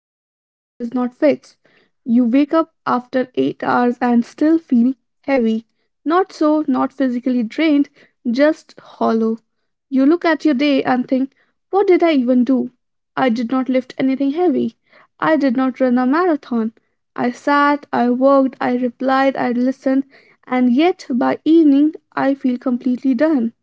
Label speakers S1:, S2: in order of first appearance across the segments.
S1: that sleep does not fix. You wake up after 8 hours and still feel heavy. Not physically drained, just hollow. You look at your day and think, what did I even do? I did not lift anything heavy. I did not run a marathon. I sat, I worked, I replied, I listened, and yet by evening I feel completely done.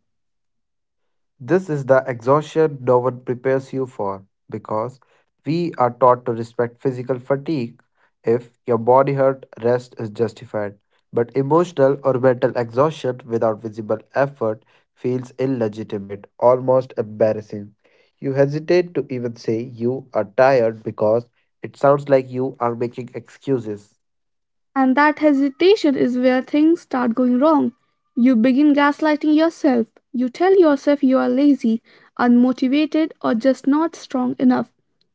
S2: This is the exhaustion no one prepares you for because we are taught to respect physical fatigue. If your body hurt, rest is justified. But emotional or mental exhaustion without visible effort feels illegitimate, almost embarrassing. You hesitate to even say you are tired because it sounds like you are making excuses.
S1: And that hesitation is where things start going wrong. You begin gaslighting yourself. You tell yourself you are lazy, unmotivated, or just not strong enough.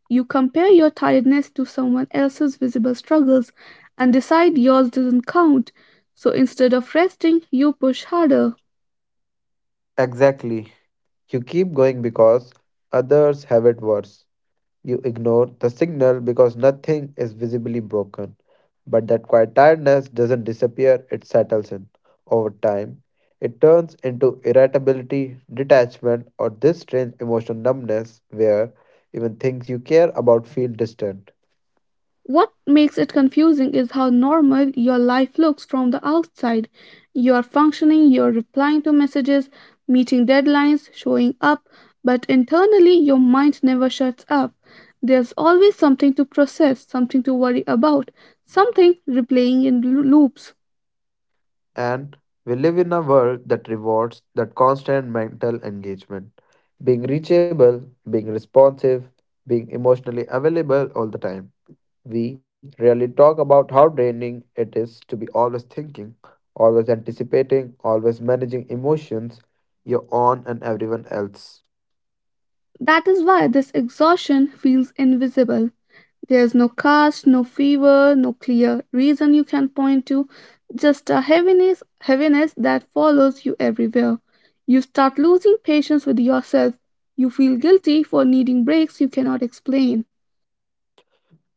S1: You compare your tiredness to someone else's visible struggles and decide yours doesn't count. So instead of resting, you push harder.
S2: Exactly. You keep going because others have it worse. You ignore the signal because nothing is visibly broken. But that quiet tiredness doesn't disappear, it settles in. Over time, it turns into irritability, detachment, or this strange emotional numbness where even things you care about feel distant.
S1: What makes it confusing is how normal your life looks from the outside. You are functioning, you're replying to messages, meeting deadlines, showing up, but internally your mind never shuts up. There's always something to process, something to worry about, something replaying in loops.
S2: And we live in a world that rewards that constant mental engagement. Being reachable, being responsive, being emotionally available all the time. We rarely talk about how draining it is to be always thinking, always anticipating, always managing emotions, your own and everyone else.
S1: That is why this exhaustion feels invisible. There's no caste, no fever, no clear reason you can point to, just a heaviness, heaviness that follows you everywhere. You start losing patience with yourself. You feel guilty for needing breaks you cannot explain.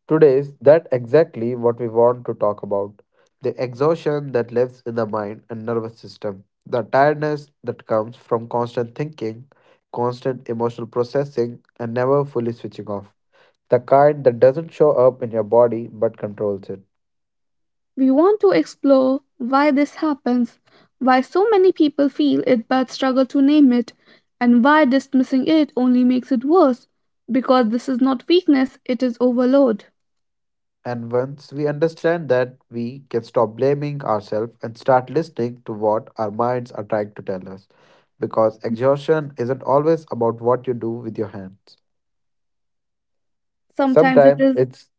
S2: Today is that exactly what we want to talk about. The exhaustion that lives in the mind and nervous system, the tiredness that comes from constant thinking, constant emotional processing, and never fully switching off. The kind that doesn't show up in your body but controls it.
S1: We want to explore why this happens, why so many people feel it but struggle to name it, and why dismissing it only makes it worse. Because this is not weakness, it is overload.
S2: And once we understand that, we can stop blaming ourselves and start listening to what our minds are trying to tell us. Because exhaustion isn't always about what you do with your hands.
S1: Sometimes it
S2: Sometimes
S1: is
S2: it's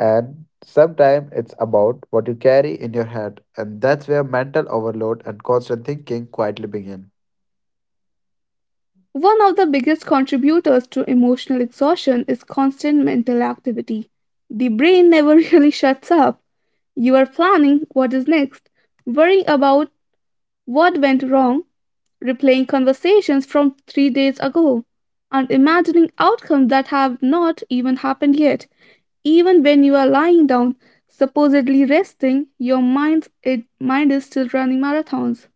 S2: sometimes it's about what you carry in your head, and that's where mental overload and constant thinking quietly begin.
S1: one of the biggest contributors to emotional exhaustion is constant mental activity. The brain never really shuts up. You are planning what is next, worrying about what went wrong, replaying conversations from 3 days ago, and imagining outcomes that have not even happened yet. Even when you are lying down, supposedly resting, your mind is still running marathons.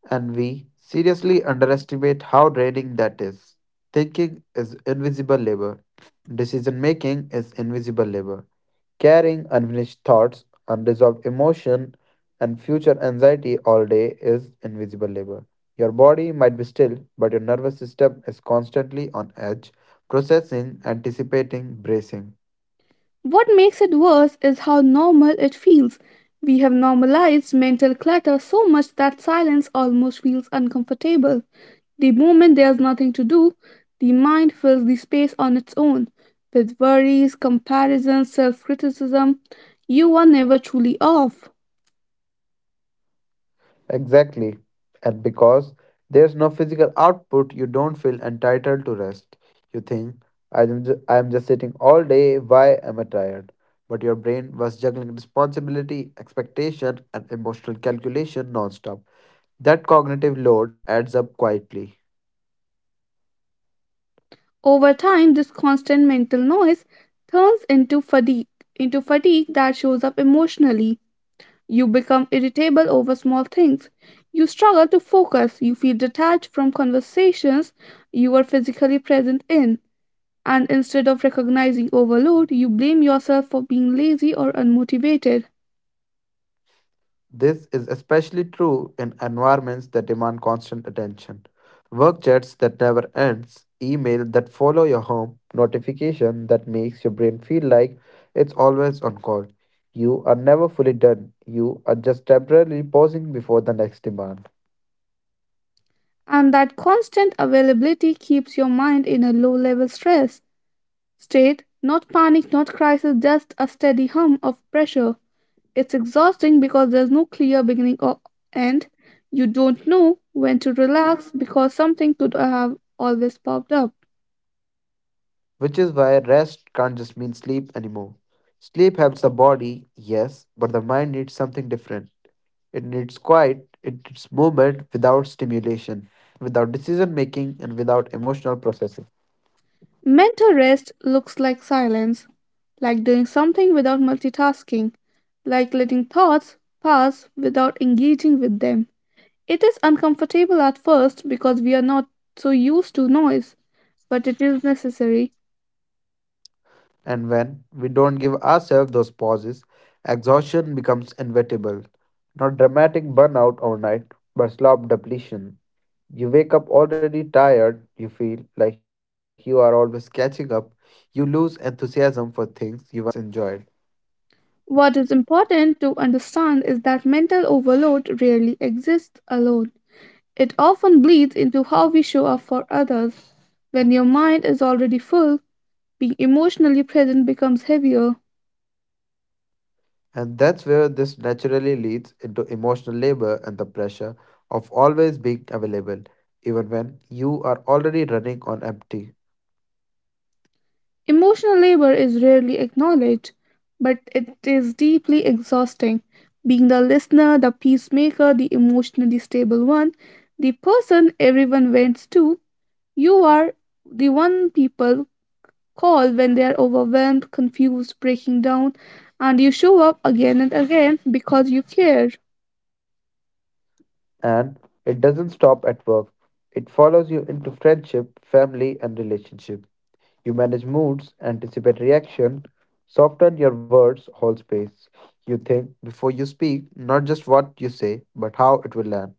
S2: And we seriously underestimate how draining that is. Thinking is invisible labor. Decision making is invisible labor. Carrying unfinished thoughts, unresolved emotion, and future anxiety all day is invisible labor. Your body might be still, but your nervous system is constantly on edge, processing, anticipating, bracing.
S1: What makes it worse is how normal it feels. We have normalized mental clutter so much that silence almost feels uncomfortable. The moment there's nothing to do, the mind fills the space on its own with worries, comparisons, self criticism. You are never truly off.
S2: Exactly. And because there's no physical output, you don't feel entitled to rest. You think, I am just sitting all day, why am I tired? But your brain was juggling responsibility, expectation, and emotional calculation nonstop. That cognitive load adds up quietly.
S1: Over time, this constant mental noise turns into fatigue that shows up emotionally. You become irritable over small things. You struggle to focus. You feel detached from conversations you are physically present in. And instead of recognizing overload, you blame yourself for being lazy or unmotivated.
S2: This is especially true in environments that demand constant attention. Work chats that never ends, email that follow your home, notification that makes your brain feel like it's always on call. You are never fully done. You are just temporarily pausing before the next demand.
S1: And that constant availability keeps your mind in a low level stress state, not panic, not crisis, just a steady hum of pressure. It's exhausting because there's no clear beginning or end. You don't know when to relax because something could have always popped up.
S2: Which is why rest can't just mean sleep anymore. Sleep helps the body, yes, but the mind needs something different. It needs quiet, it needs movement without stimulation, without decision making, and without emotional processing.
S1: Mental rest looks like silence, like doing something without multitasking, like letting thoughts pass without engaging with them. It is uncomfortable at first because we are not so used to noise, but it is necessary.
S2: And when we don't give ourselves those pauses, exhaustion becomes inevitable. Not dramatic burnout overnight, but slow depletion. You wake up already tired, you feel like you are always catching up, you lose enthusiasm for things you once enjoyed.
S1: What is important to understand is that mental overload rarely exists alone. It often bleeds into how we show up for others. When your mind is already full, being emotionally present becomes heavier.
S2: And that's where this naturally leads into emotional labor and the pressure of always being available, even when you are already running on empty.
S1: Emotional labor is rarely acknowledged, but it is deeply exhausting. Being the listener, the peacemaker, the emotionally stable one, the person everyone vents to, you are the one people call when they are overwhelmed, confused, breaking down, and you show up again and again because you care.
S2: And it doesn't stop at work, it follows you into friendship, family, and relationship. You manage moods, anticipate reaction, soften your words, hold space. You think before you speak, not just what you say, but how it will land,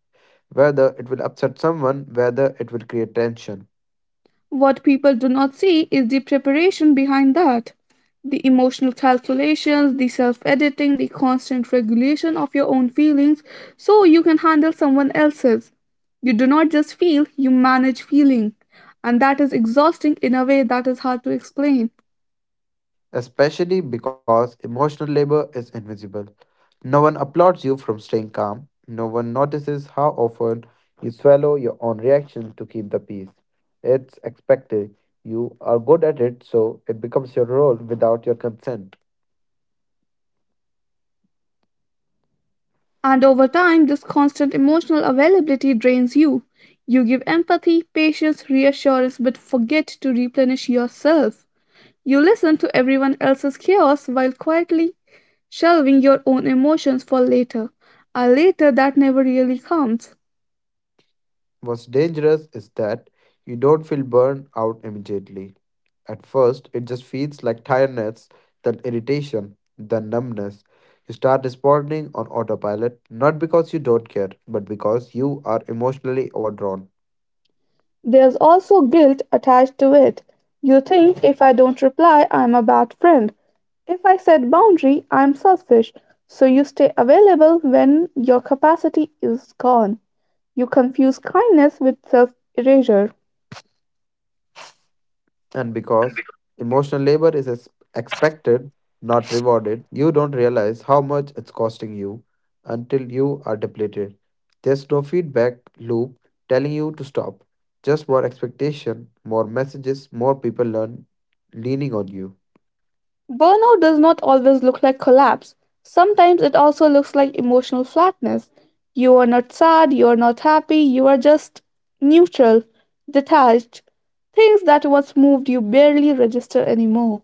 S2: whether it will upset someone, whether it will create tension.
S1: What people do not see is the preparation behind that. The emotional calculations, the self editing, the constant regulation of your own feelings so you can handle someone else's. You do not just feel, you manage feeling. And that is exhausting in a way that is hard to explain.
S2: Especially because emotional labor is invisible. No one applauds you from staying calm. No one notices how often you swallow your own reaction to keep the peace. It's expected. You are good at it, so it becomes your role without your consent.
S1: And over time, this constant emotional availability drains you. You give empathy, patience, reassurance, but forget to replenish yourself. You listen to everyone else's chaos while quietly shelving your own emotions for later, a later that never really comes.
S2: What's dangerous is that you don't feel burned out immediately. At first, it just feels like tiredness, then irritation, then numbness. You start responding on autopilot, not because you don't care, but because you are emotionally overdrawn.
S1: There's also guilt attached to it. You think if I don't reply, I'm a bad friend. If I set boundary, I'm selfish. So you stay available when your capacity is gone. You confuse kindness with self erasure.
S2: And because emotional labor is expected, not rewarded, you don't realize how much it's costing you until you are depleted. There's no feedback loop telling you to stop, just more expectation, more messages, more people learn leaning on you.
S1: Burnout does not always look like collapse. Sometimes it also looks like emotional flatness. You are not sad, you are not happy, you are just neutral, detached. Things that once moved you barely register anymore.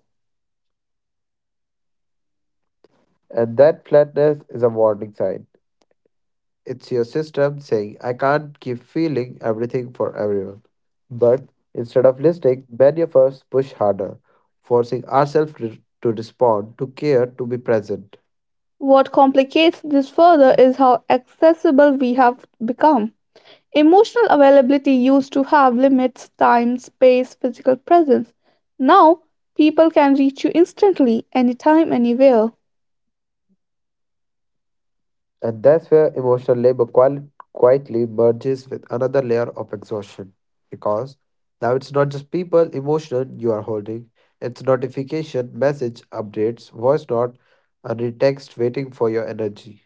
S2: And that flatness is a warning sign. It's your system saying, I can't keep feeling everything for everyone. But instead of listening, many of us push harder, forcing ourselves to respond, to care, to be present.
S1: What complicates this further is how accessible we have become. Emotional availability used to have limits, time, space, physical presence. Now, people can reach you instantly, anytime, anywhere.
S2: And that's where emotional labor quietly merges with another layer of exhaustion. Because now it's not just people, emotion you are holding, it's notification, message, updates, voice note, and a text waiting for your energy.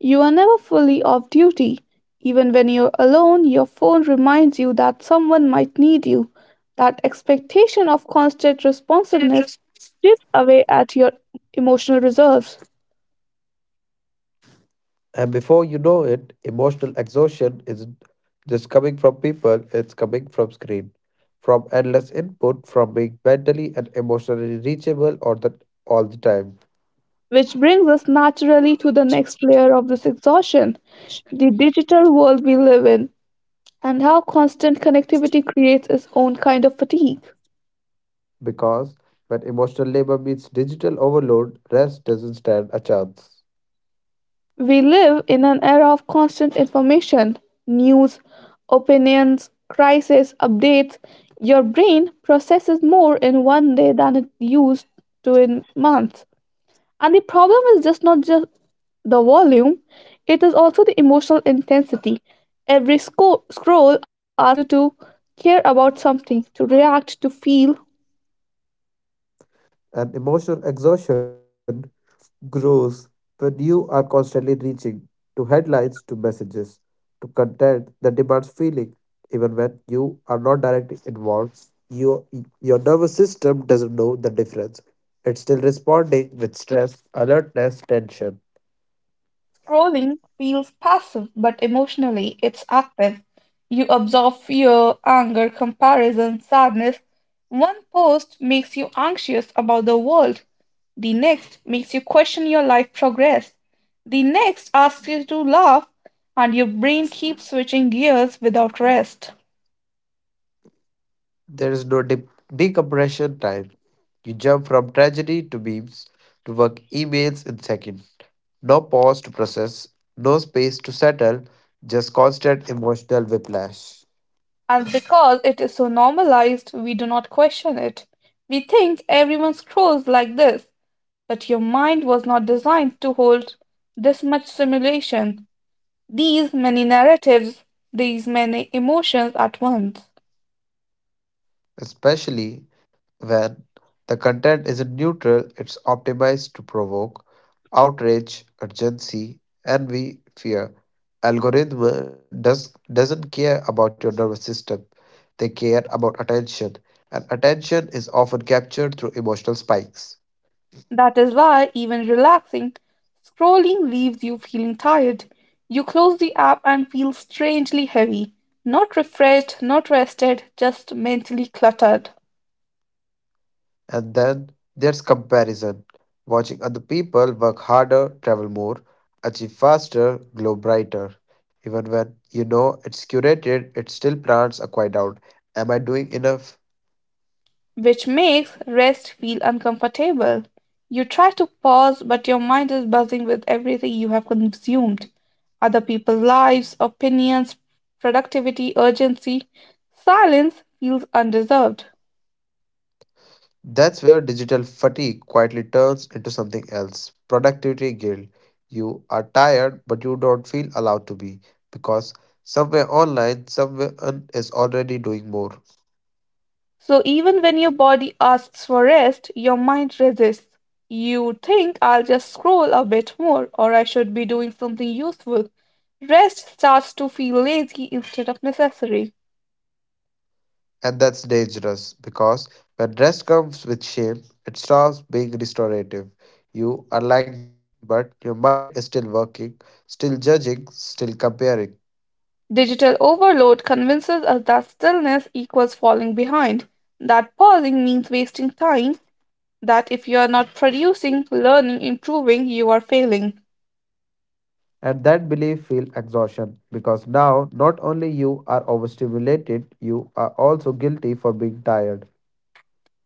S1: You are never fully off duty. Even when you're alone, your phone reminds you that someone might need you. That expectation of constant responsiveness chips away at your emotional reserves.
S2: And before you know it, emotional exhaustion isn't just coming from people, it's coming from screen, from endless input, from being mentally and emotionally reachable or that all the time.
S1: Which brings us naturally to the next layer of this exhaustion the digital world we live in and how constant connectivity creates its own kind of fatigue.
S2: Because when emotional labor meets digital overload, rest doesn't stand a chance.
S1: We live in an era of constant information, news, opinions, crisis, updates. Your brain processes more in one day than it used to in months. And the problem is just not just the volume, it is also the emotional intensity. Every scroll asks you to care about something, to react, to feel,
S2: And emotional exhaustion grows when you are constantly reaching to headlines, to messages, to content that demands feeling. Even when you are not directly involved, your, your nervous system doesn't know the difference. It's still responding with stress, alertness, tension.
S1: scrolling feels passive, but emotionally it's active. You absorb fear, anger, comparison, sadness. One post makes you anxious about the world. The next makes you question your life progress. The next asks you to laugh, and your brain keeps switching gears without rest.
S2: There is no decompression time. You jump from tragedy to memes to work emails in seconds. No pause to process, no space to settle, just constant emotional whiplash.
S1: And because it is so normalized, we do not question it. We think everyone scrolls like this, but your mind was not designed to hold this much simulation, these many narratives, these many emotions at once.
S2: Especially when the content isn't neutral, it's optimized to provoke outrage, urgency, envy, fear. Algorithm doesn't care about your nervous system. They care about attention, and attention is often captured through emotional spikes.
S1: That is why even relaxing, scrolling leaves you feeling tired. You close the app and feel strangely heavy, not refreshed, not rested, just mentally cluttered.
S2: And then there's comparison, watching other people work harder, travel more, achieve faster, glow brighter. Even when you know it's curated, it still plants a quiet doubt. Am I doing enough?
S1: Which makes rest feel uncomfortable. You try to pause, but your mind is buzzing with everything you have consumed other people's lives, opinions, productivity, urgency. Silence feels undeserved.
S2: That's where digital fatigue quietly turns into something else productivity guilt. You are tired, but you don't feel allowed to be because somewhere online, someone is already doing more.
S1: So, even when your body asks for rest, your mind resists. You think, I'll just scroll a bit more, or I should be doing something useful. Rest starts to feel lazy instead of necessary.
S2: And that's dangerous because when rest comes with shame, it stops being restorative. You are lying down, but your mind is still working, still judging, still comparing.
S1: Digital overload convinces us that stillness equals falling behind, that pausing means wasting time, that if you are not producing, learning, improving, you are failing.
S2: And that belief feels exhaustion because now not only you are overstimulated, you are also guilty for being tired.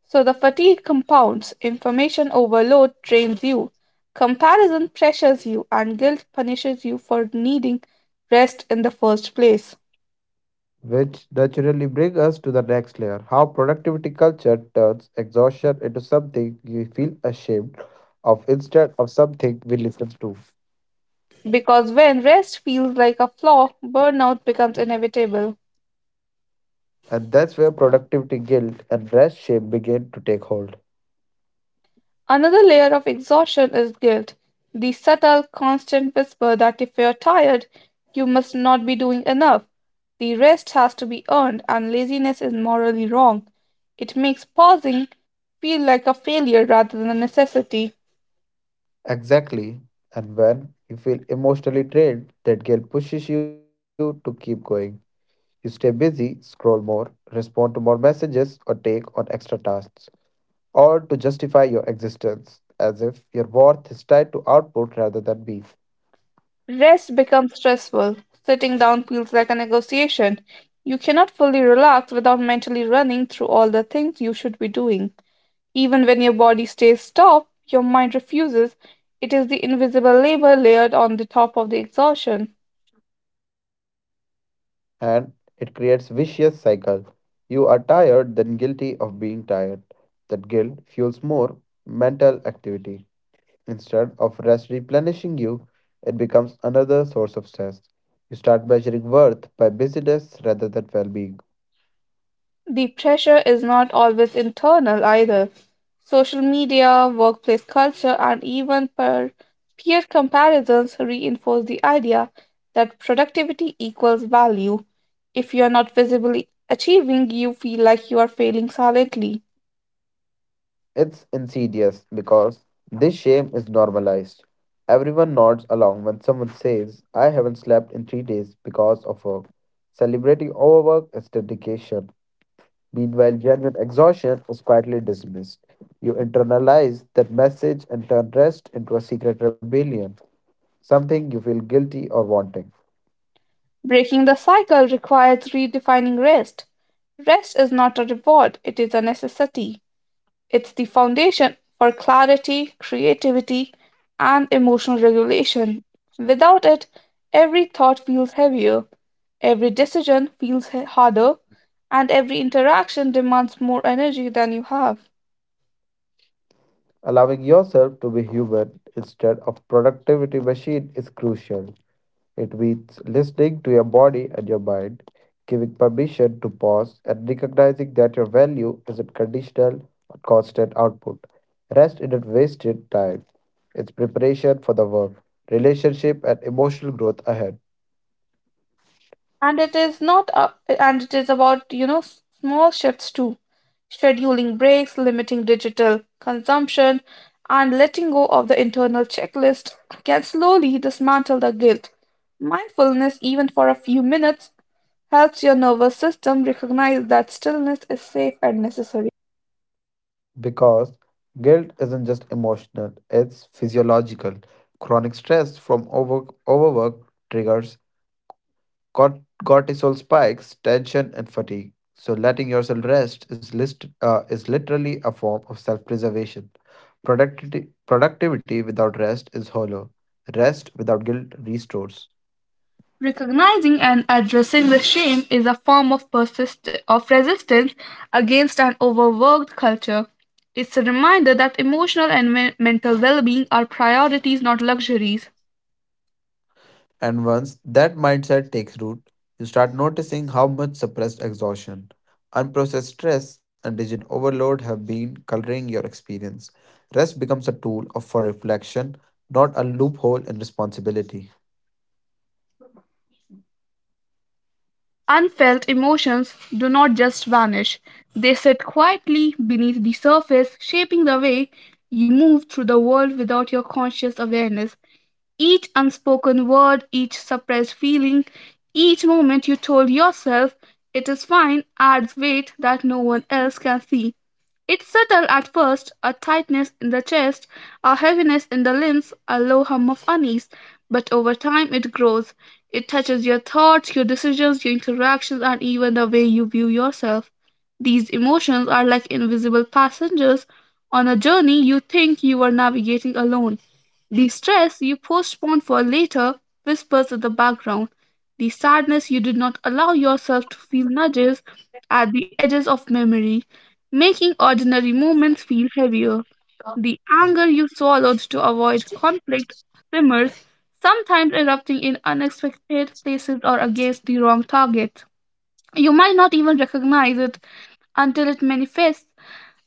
S1: So the fatigue compounds, information overload drains you, comparison pressures you, and guilt punishes you for needing rest in the first place.
S2: Which naturally brings us to the next layer how productivity culture turns exhaustion into something you feel ashamed of instead of something we listen to.
S1: Because when rest feels like a flaw, burnout becomes inevitable.
S2: And that's where productivity guilt and rest shame begin to take hold.
S1: Another layer of exhaustion is guilt, the subtle, constant whisper that if you're tired, you must not be doing enough. The rest has to be earned, and laziness is morally wrong. It makes pausing feel like a failure rather than a necessity.
S2: Exactly. And when you feel emotionally drained, that guilt pushes you to keep going. You stay busy, scroll more, respond to more messages, or take on extra tasks, all to justify your existence, as if your worth is tied to output rather than being.
S1: Rest becomes stressful. Sitting down feels like a negotiation. You cannot fully relax without mentally running through all the things you should be doing. Even when your body stays stopped, your mind refuses. It is the invisible labor layered on the top of the exhaustion.
S2: And it creates vicious cycle. You are tired, then guilty of being tired. That guilt fuels more mental activity. Instead of rest replenishing you, it becomes another source of stress. You start measuring worth by busyness rather than well being.
S1: The pressure is not always internal either. Social media, workplace culture, and even peer comparisons reinforce the idea that productivity equals value. If you are not visibly achieving, you feel like you are failing silently.
S2: It's insidious because this shame is normalized. Everyone nods along when someone says, I haven't slept in three days because of work. Celebrating overwork is dedication. Meanwhile, genuine exhaustion is quietly dismissed. You internalize that message and turn rest into a secret rebellion, something you feel guilty or wanting.
S1: Breaking the cycle requires redefining rest. Rest is not a reward, it is a necessity. It's the foundation for clarity, creativity, and emotional regulation. Without it, every thought feels heavier, every decision feels harder, and every interaction demands more energy than you have.
S2: Allowing yourself to be human instead of productivity machine is crucial. It means listening to your body and your mind, giving permission to pause, and recognizing that your value isn't conditional on constant output. Rest isn't wasted time, it's preparation for the work, relationship, and emotional growth ahead.
S1: And it is not and it is about small shifts too, scheduling breaks, limiting digital consumption, and letting go of the internal checklist can slowly dismantle the guilt. Mindfulness, even for a few minutes, helps your nervous system recognize that stillness is safe and necessary.
S2: Because guilt isn't just emotional, it's physiological. Chronic stress from overwork triggers cortisol spikes, tension, and fatigue. So, letting yourself rest is literally a form of self preservation. Productivity without rest is hollow. Rest without guilt restores.
S1: Recognizing and addressing the shame is a form of resistance against an overworked culture. It's a reminder that emotional and mental well-being are priorities, not luxuries.
S2: And once that mindset takes root, you start noticing how much suppressed exhaustion, unprocessed stress, and digital overload have been coloring your experience. Rest becomes a tool for reflection, not a loophole in responsibility.
S1: Unfelt emotions do not just vanish. They sit quietly beneath the surface, shaping the way you move through the world without your conscious awareness. Each unspoken word, each suppressed feeling, each moment you told yourself it is fine adds weight that no one else can see. It's subtle at first, a tightness in the chest, a heaviness in the limbs, a low hum of unease, but over time it grows. It touches your thoughts, your decisions, your interactions, and even the way you view yourself. These emotions are like invisible passengers on a journey you think you are navigating alone. The stress you postpone for later whispers in the background. The sadness you did not allow yourself to feel nudges at the edges of memory, making ordinary moments feel heavier. The anger you swallowed to avoid conflict simmers, sometimes erupting in unexpected places or against the wrong target. You might not even recognize it until it manifests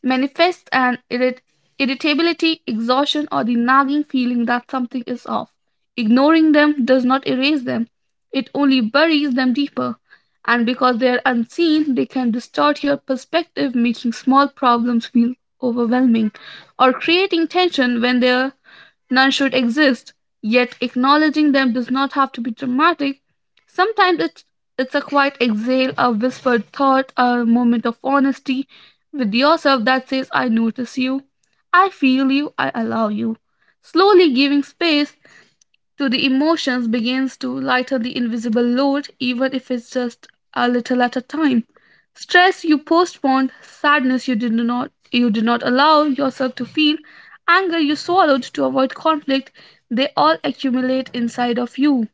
S1: manifests an irrit- irritability, exhaustion, or the nagging feeling that something is off. Ignoring them does not erase them, it only buries them deeper. And because they are unseen, they can distort your perspective, making small problems feel overwhelming or creating tension when they're. None should exist, yet acknowledging them does not have to be dramatic. Sometimes it's a quiet exhale, a whispered thought, a moment of honesty with yourself that says, I notice you, I feel you, I allow you. Slowly giving space to the emotions begins to lighten the invisible load, even if it's just a little at a time. Stress you postponed, sadness you did not allow yourself to feel, anger you swallowed to avoid conflict, they all accumulate inside of you.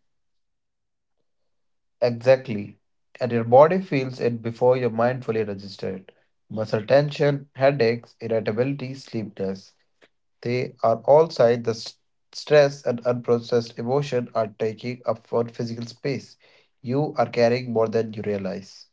S2: Exactly. And your body feels it before your mind fully registers it. Muscle tension, headaches, irritability, sleeplessness. They are all signs the stress and unprocessed emotion are taking up for physical space. You are carrying more than you realize.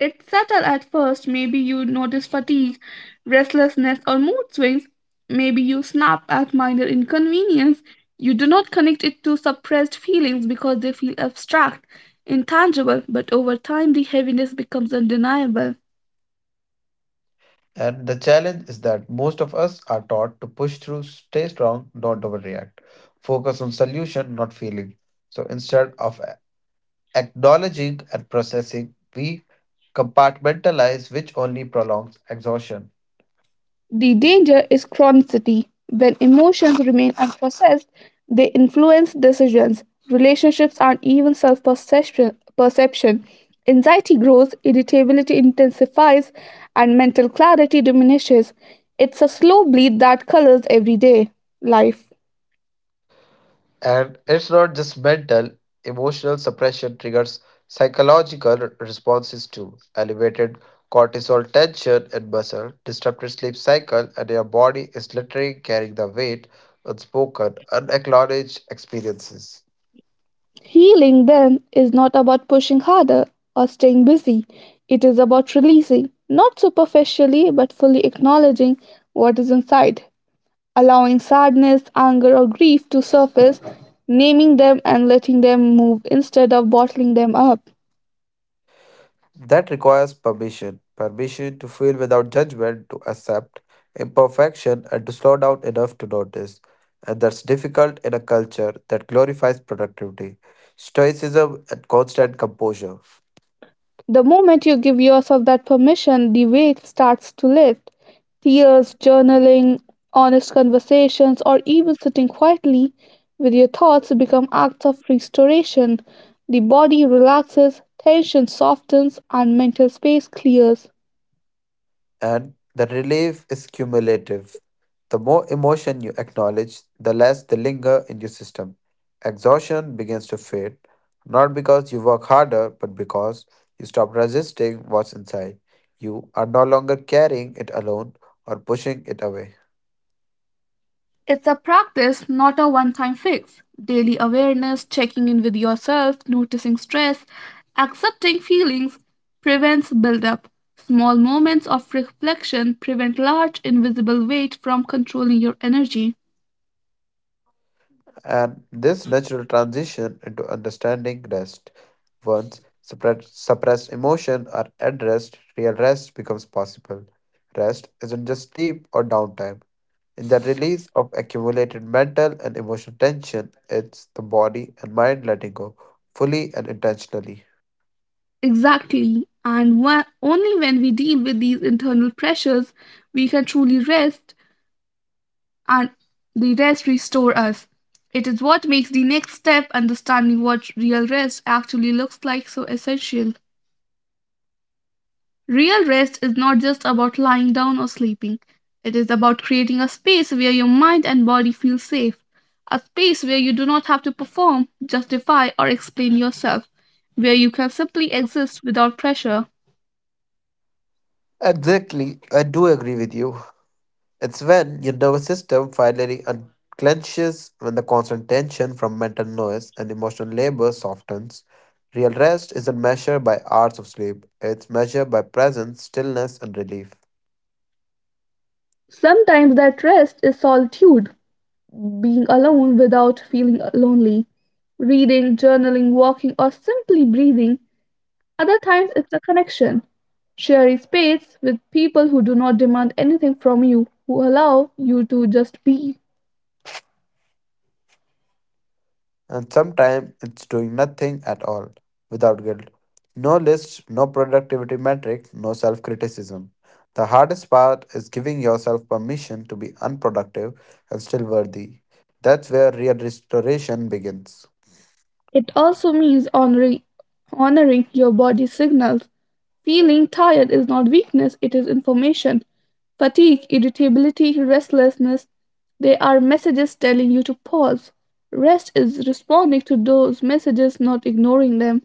S1: It's subtle at first. Maybe you notice fatigue, restlessness, or mood swings. Maybe you snap at minor inconvenience. You do not connect it to suppressed feelings because they feel abstract, intangible, but over time the heaviness becomes undeniable.
S2: And the challenge is that most of us are taught to push through, stay strong, don't overreact. Focus on solution, not feeling. So instead of acknowledging and processing, we compartmentalize, which only prolongs exhaustion.
S1: The danger is chronicity. When emotions remain unprocessed, they influence decisions, relationships, and even self perception. Anxiety grows, irritability intensifies, and mental clarity diminishes. It's a slow bleed that colors everyday life.
S2: And it's not just mental, emotional suppression triggers psychological responses too. Elevated cortisol tension in muscle, disrupted sleep cycle, and your body is literally carrying the weight unspoken, unacknowledged experiences.
S1: Healing then is not about pushing harder or staying busy. It is about releasing, not superficially but fully acknowledging what is inside, allowing sadness, anger, or grief to surface, naming them and letting them move instead of bottling them up.
S2: That requires permission permission to feel without judgment, to accept imperfection, and to slow down enough to notice. And that's difficult in a culture that glorifies productivity, stoicism, and constant composure.
S1: The moment you give yourself that permission, the weight starts to lift. Tears, journaling, honest conversations, or even sitting quietly with your thoughts become acts of restoration. The body relaxes, tension softens, and mental space clears.
S2: And the relief is cumulative. The more emotion you acknowledge, the less they linger in your system. Exhaustion begins to fade, not because you work harder, but because you stop resisting what's inside. You are no longer carrying it alone or pushing it away.
S1: It's a practice, not a one time fix. Daily awareness, checking in with yourself, noticing stress, accepting feelings prevents buildup. Small moments of reflection prevent large invisible weight from controlling your energy.
S2: And this natural transition into understanding rest. Once suppressed emotion are addressed, real rest becomes possible. Rest isn't just sleep or downtime. In the release of accumulated mental and emotional tension, it's the body and mind letting go fully and intentionally.
S1: Exactly. Only when we deal with these internal pressures, we can truly rest and the rest restore us. It is what makes the next step, understanding what real rest actually looks like, so essential. Real rest is not just about lying down or sleeping. It is about creating a space where your mind and body feel safe, a space where you do not have to perform, justify, or explain yourself, where you can simply exist without pressure.
S2: Exactly, I do agree with you. It's when your nervous system finally unclenches, when the constant tension from mental noise and emotional labor softens. Real rest isn't measured by hours of sleep, it's measured by presence, stillness, and relief.
S1: Sometimes that rest is solitude, being alone without feeling lonely. Reading, journaling, walking, or simply breathing. Other times, it's a connection, sharing space with people who do not demand anything from you, who allow you to just be.
S2: And sometimes it's doing nothing at all without guilt. No list, no productivity metric, no self criticism. The hardest part is giving yourself permission to be unproductive and still worthy. That's where real restoration begins.
S1: It also means honoring your body signals. Feeling tired is not weakness, it is information. Fatigue, irritability, restlessness, they are messages telling you to pause. Rest is responding to those messages, not ignoring them.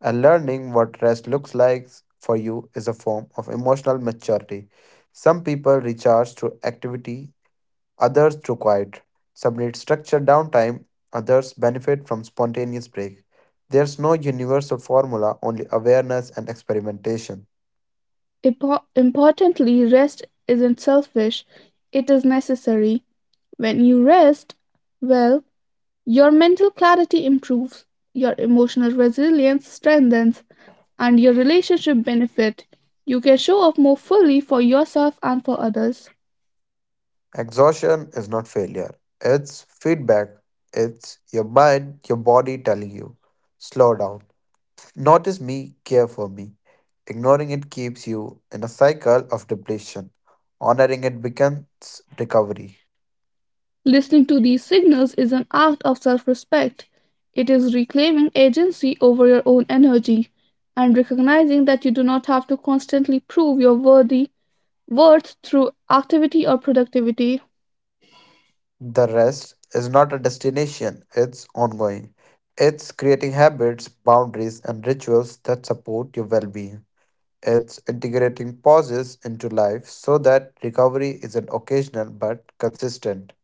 S2: And learning what rest looks like for you is a form of emotional maturity. Some people recharge through activity others to quiet. Some need structured downtime, others benefit from spontaneous break. There's no universal formula, only awareness and experimentation.
S1: Importantly, rest isn't selfish, it is necessary. When you rest well, your mental clarity improves, your emotional resilience strengthens, and your relationship benefit. You can show up more fully for yourself and for others.
S2: Exhaustion is not failure, it's feedback. It's your mind, your body telling you, slow down. Notice me, care for me. Ignoring it keeps you in a cycle of depletion. Honoring it becomes recovery.
S1: Listening to these signals is an act of self-respect. It is reclaiming agency over your own energy and recognizing that you do not have to constantly prove your worth through activity or productivity.
S2: The rest is not a destination, it's ongoing. It's creating habits, boundaries, and rituals that support your well being. It's integrating pauses into life so that recovery isn't occasional but consistent.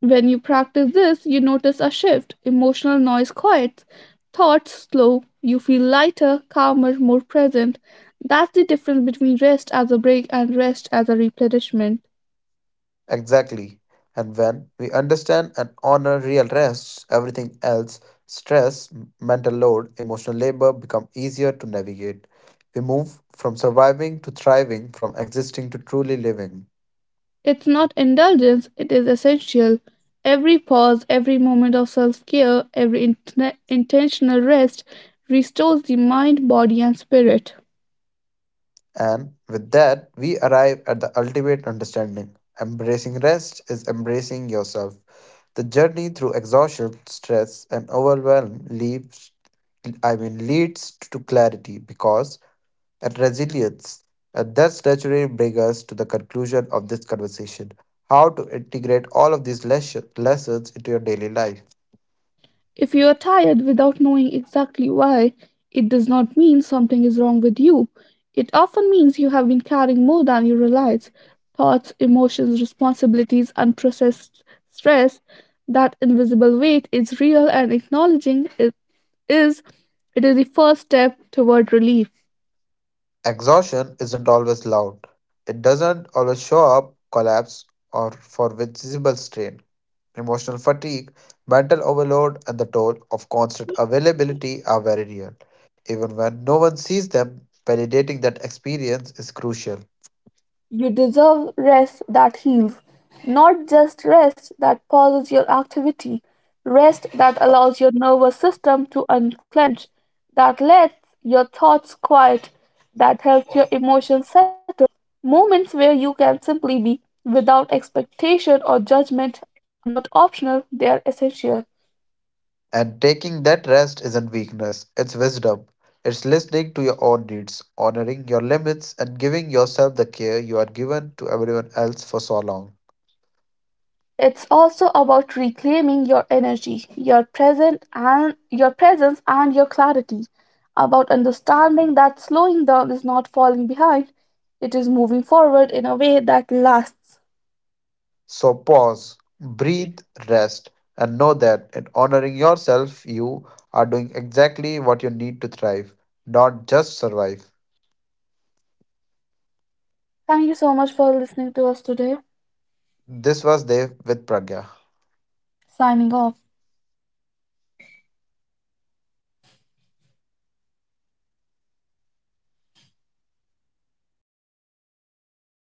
S1: When you practice this, you notice a shift. Emotional noise quiets, thoughts slow, you feel lighter, calmer, more present. That's the difference between rest as a break and rest as a replenishment.
S2: Exactly. And when we understand and honor real rests, everything else stress, mental load, emotional labor become easier to navigate. We move from surviving to thriving, from existing to truly living.
S1: It's not indulgence, it is essential. Every pause, every moment of self care, every intentional rest restores the mind, body, and spirit.
S2: And with that, we arrive at the ultimate understanding. Embracing rest is embracing yourself. The journey through exhaustion, stress, and overwhelm leads to clarity, because and resilience. And that's naturally bring us to the conclusion of this conversation: how to integrate all of these lessons into your daily life.
S1: If you are tired without knowing exactly why, it does not mean something is wrong with you. It often means you have been carrying more than you realize: thoughts, emotions, responsibilities, unprocessed stress. That invisible weight is real, and acknowledging is it is the first step toward relief.
S2: Exhaustion isn't always loud. It doesn't always show up collapse or for visible strain. Emotional fatigue, mental overload, and the toll of constant availability are very real. Even when no one sees them, validating that experience is crucial.
S1: You deserve rest that heals, not just rest that pauses your activity, rest that allows your nervous system to unclench, that lets your thoughts quiet, that helps your emotions settle. Moments where you can simply be without expectation or judgment are not optional, they are essential.
S2: And taking that rest isn't weakness, it's wisdom. It's listening to your own needs, honoring your limits, and giving yourself the care you are given to everyone else for so long.
S1: It's also about reclaiming your energy, your present and your presence and your clarity, about understanding that slowing down is not falling behind, it is moving forward in a way that lasts.
S2: So pause, breathe, rest, and know that in honoring yourself, you are doing exactly what you need to thrive, not just survive.
S1: Thank you so much for listening to us today.
S2: This was Dev with Pragya.
S1: Signing off.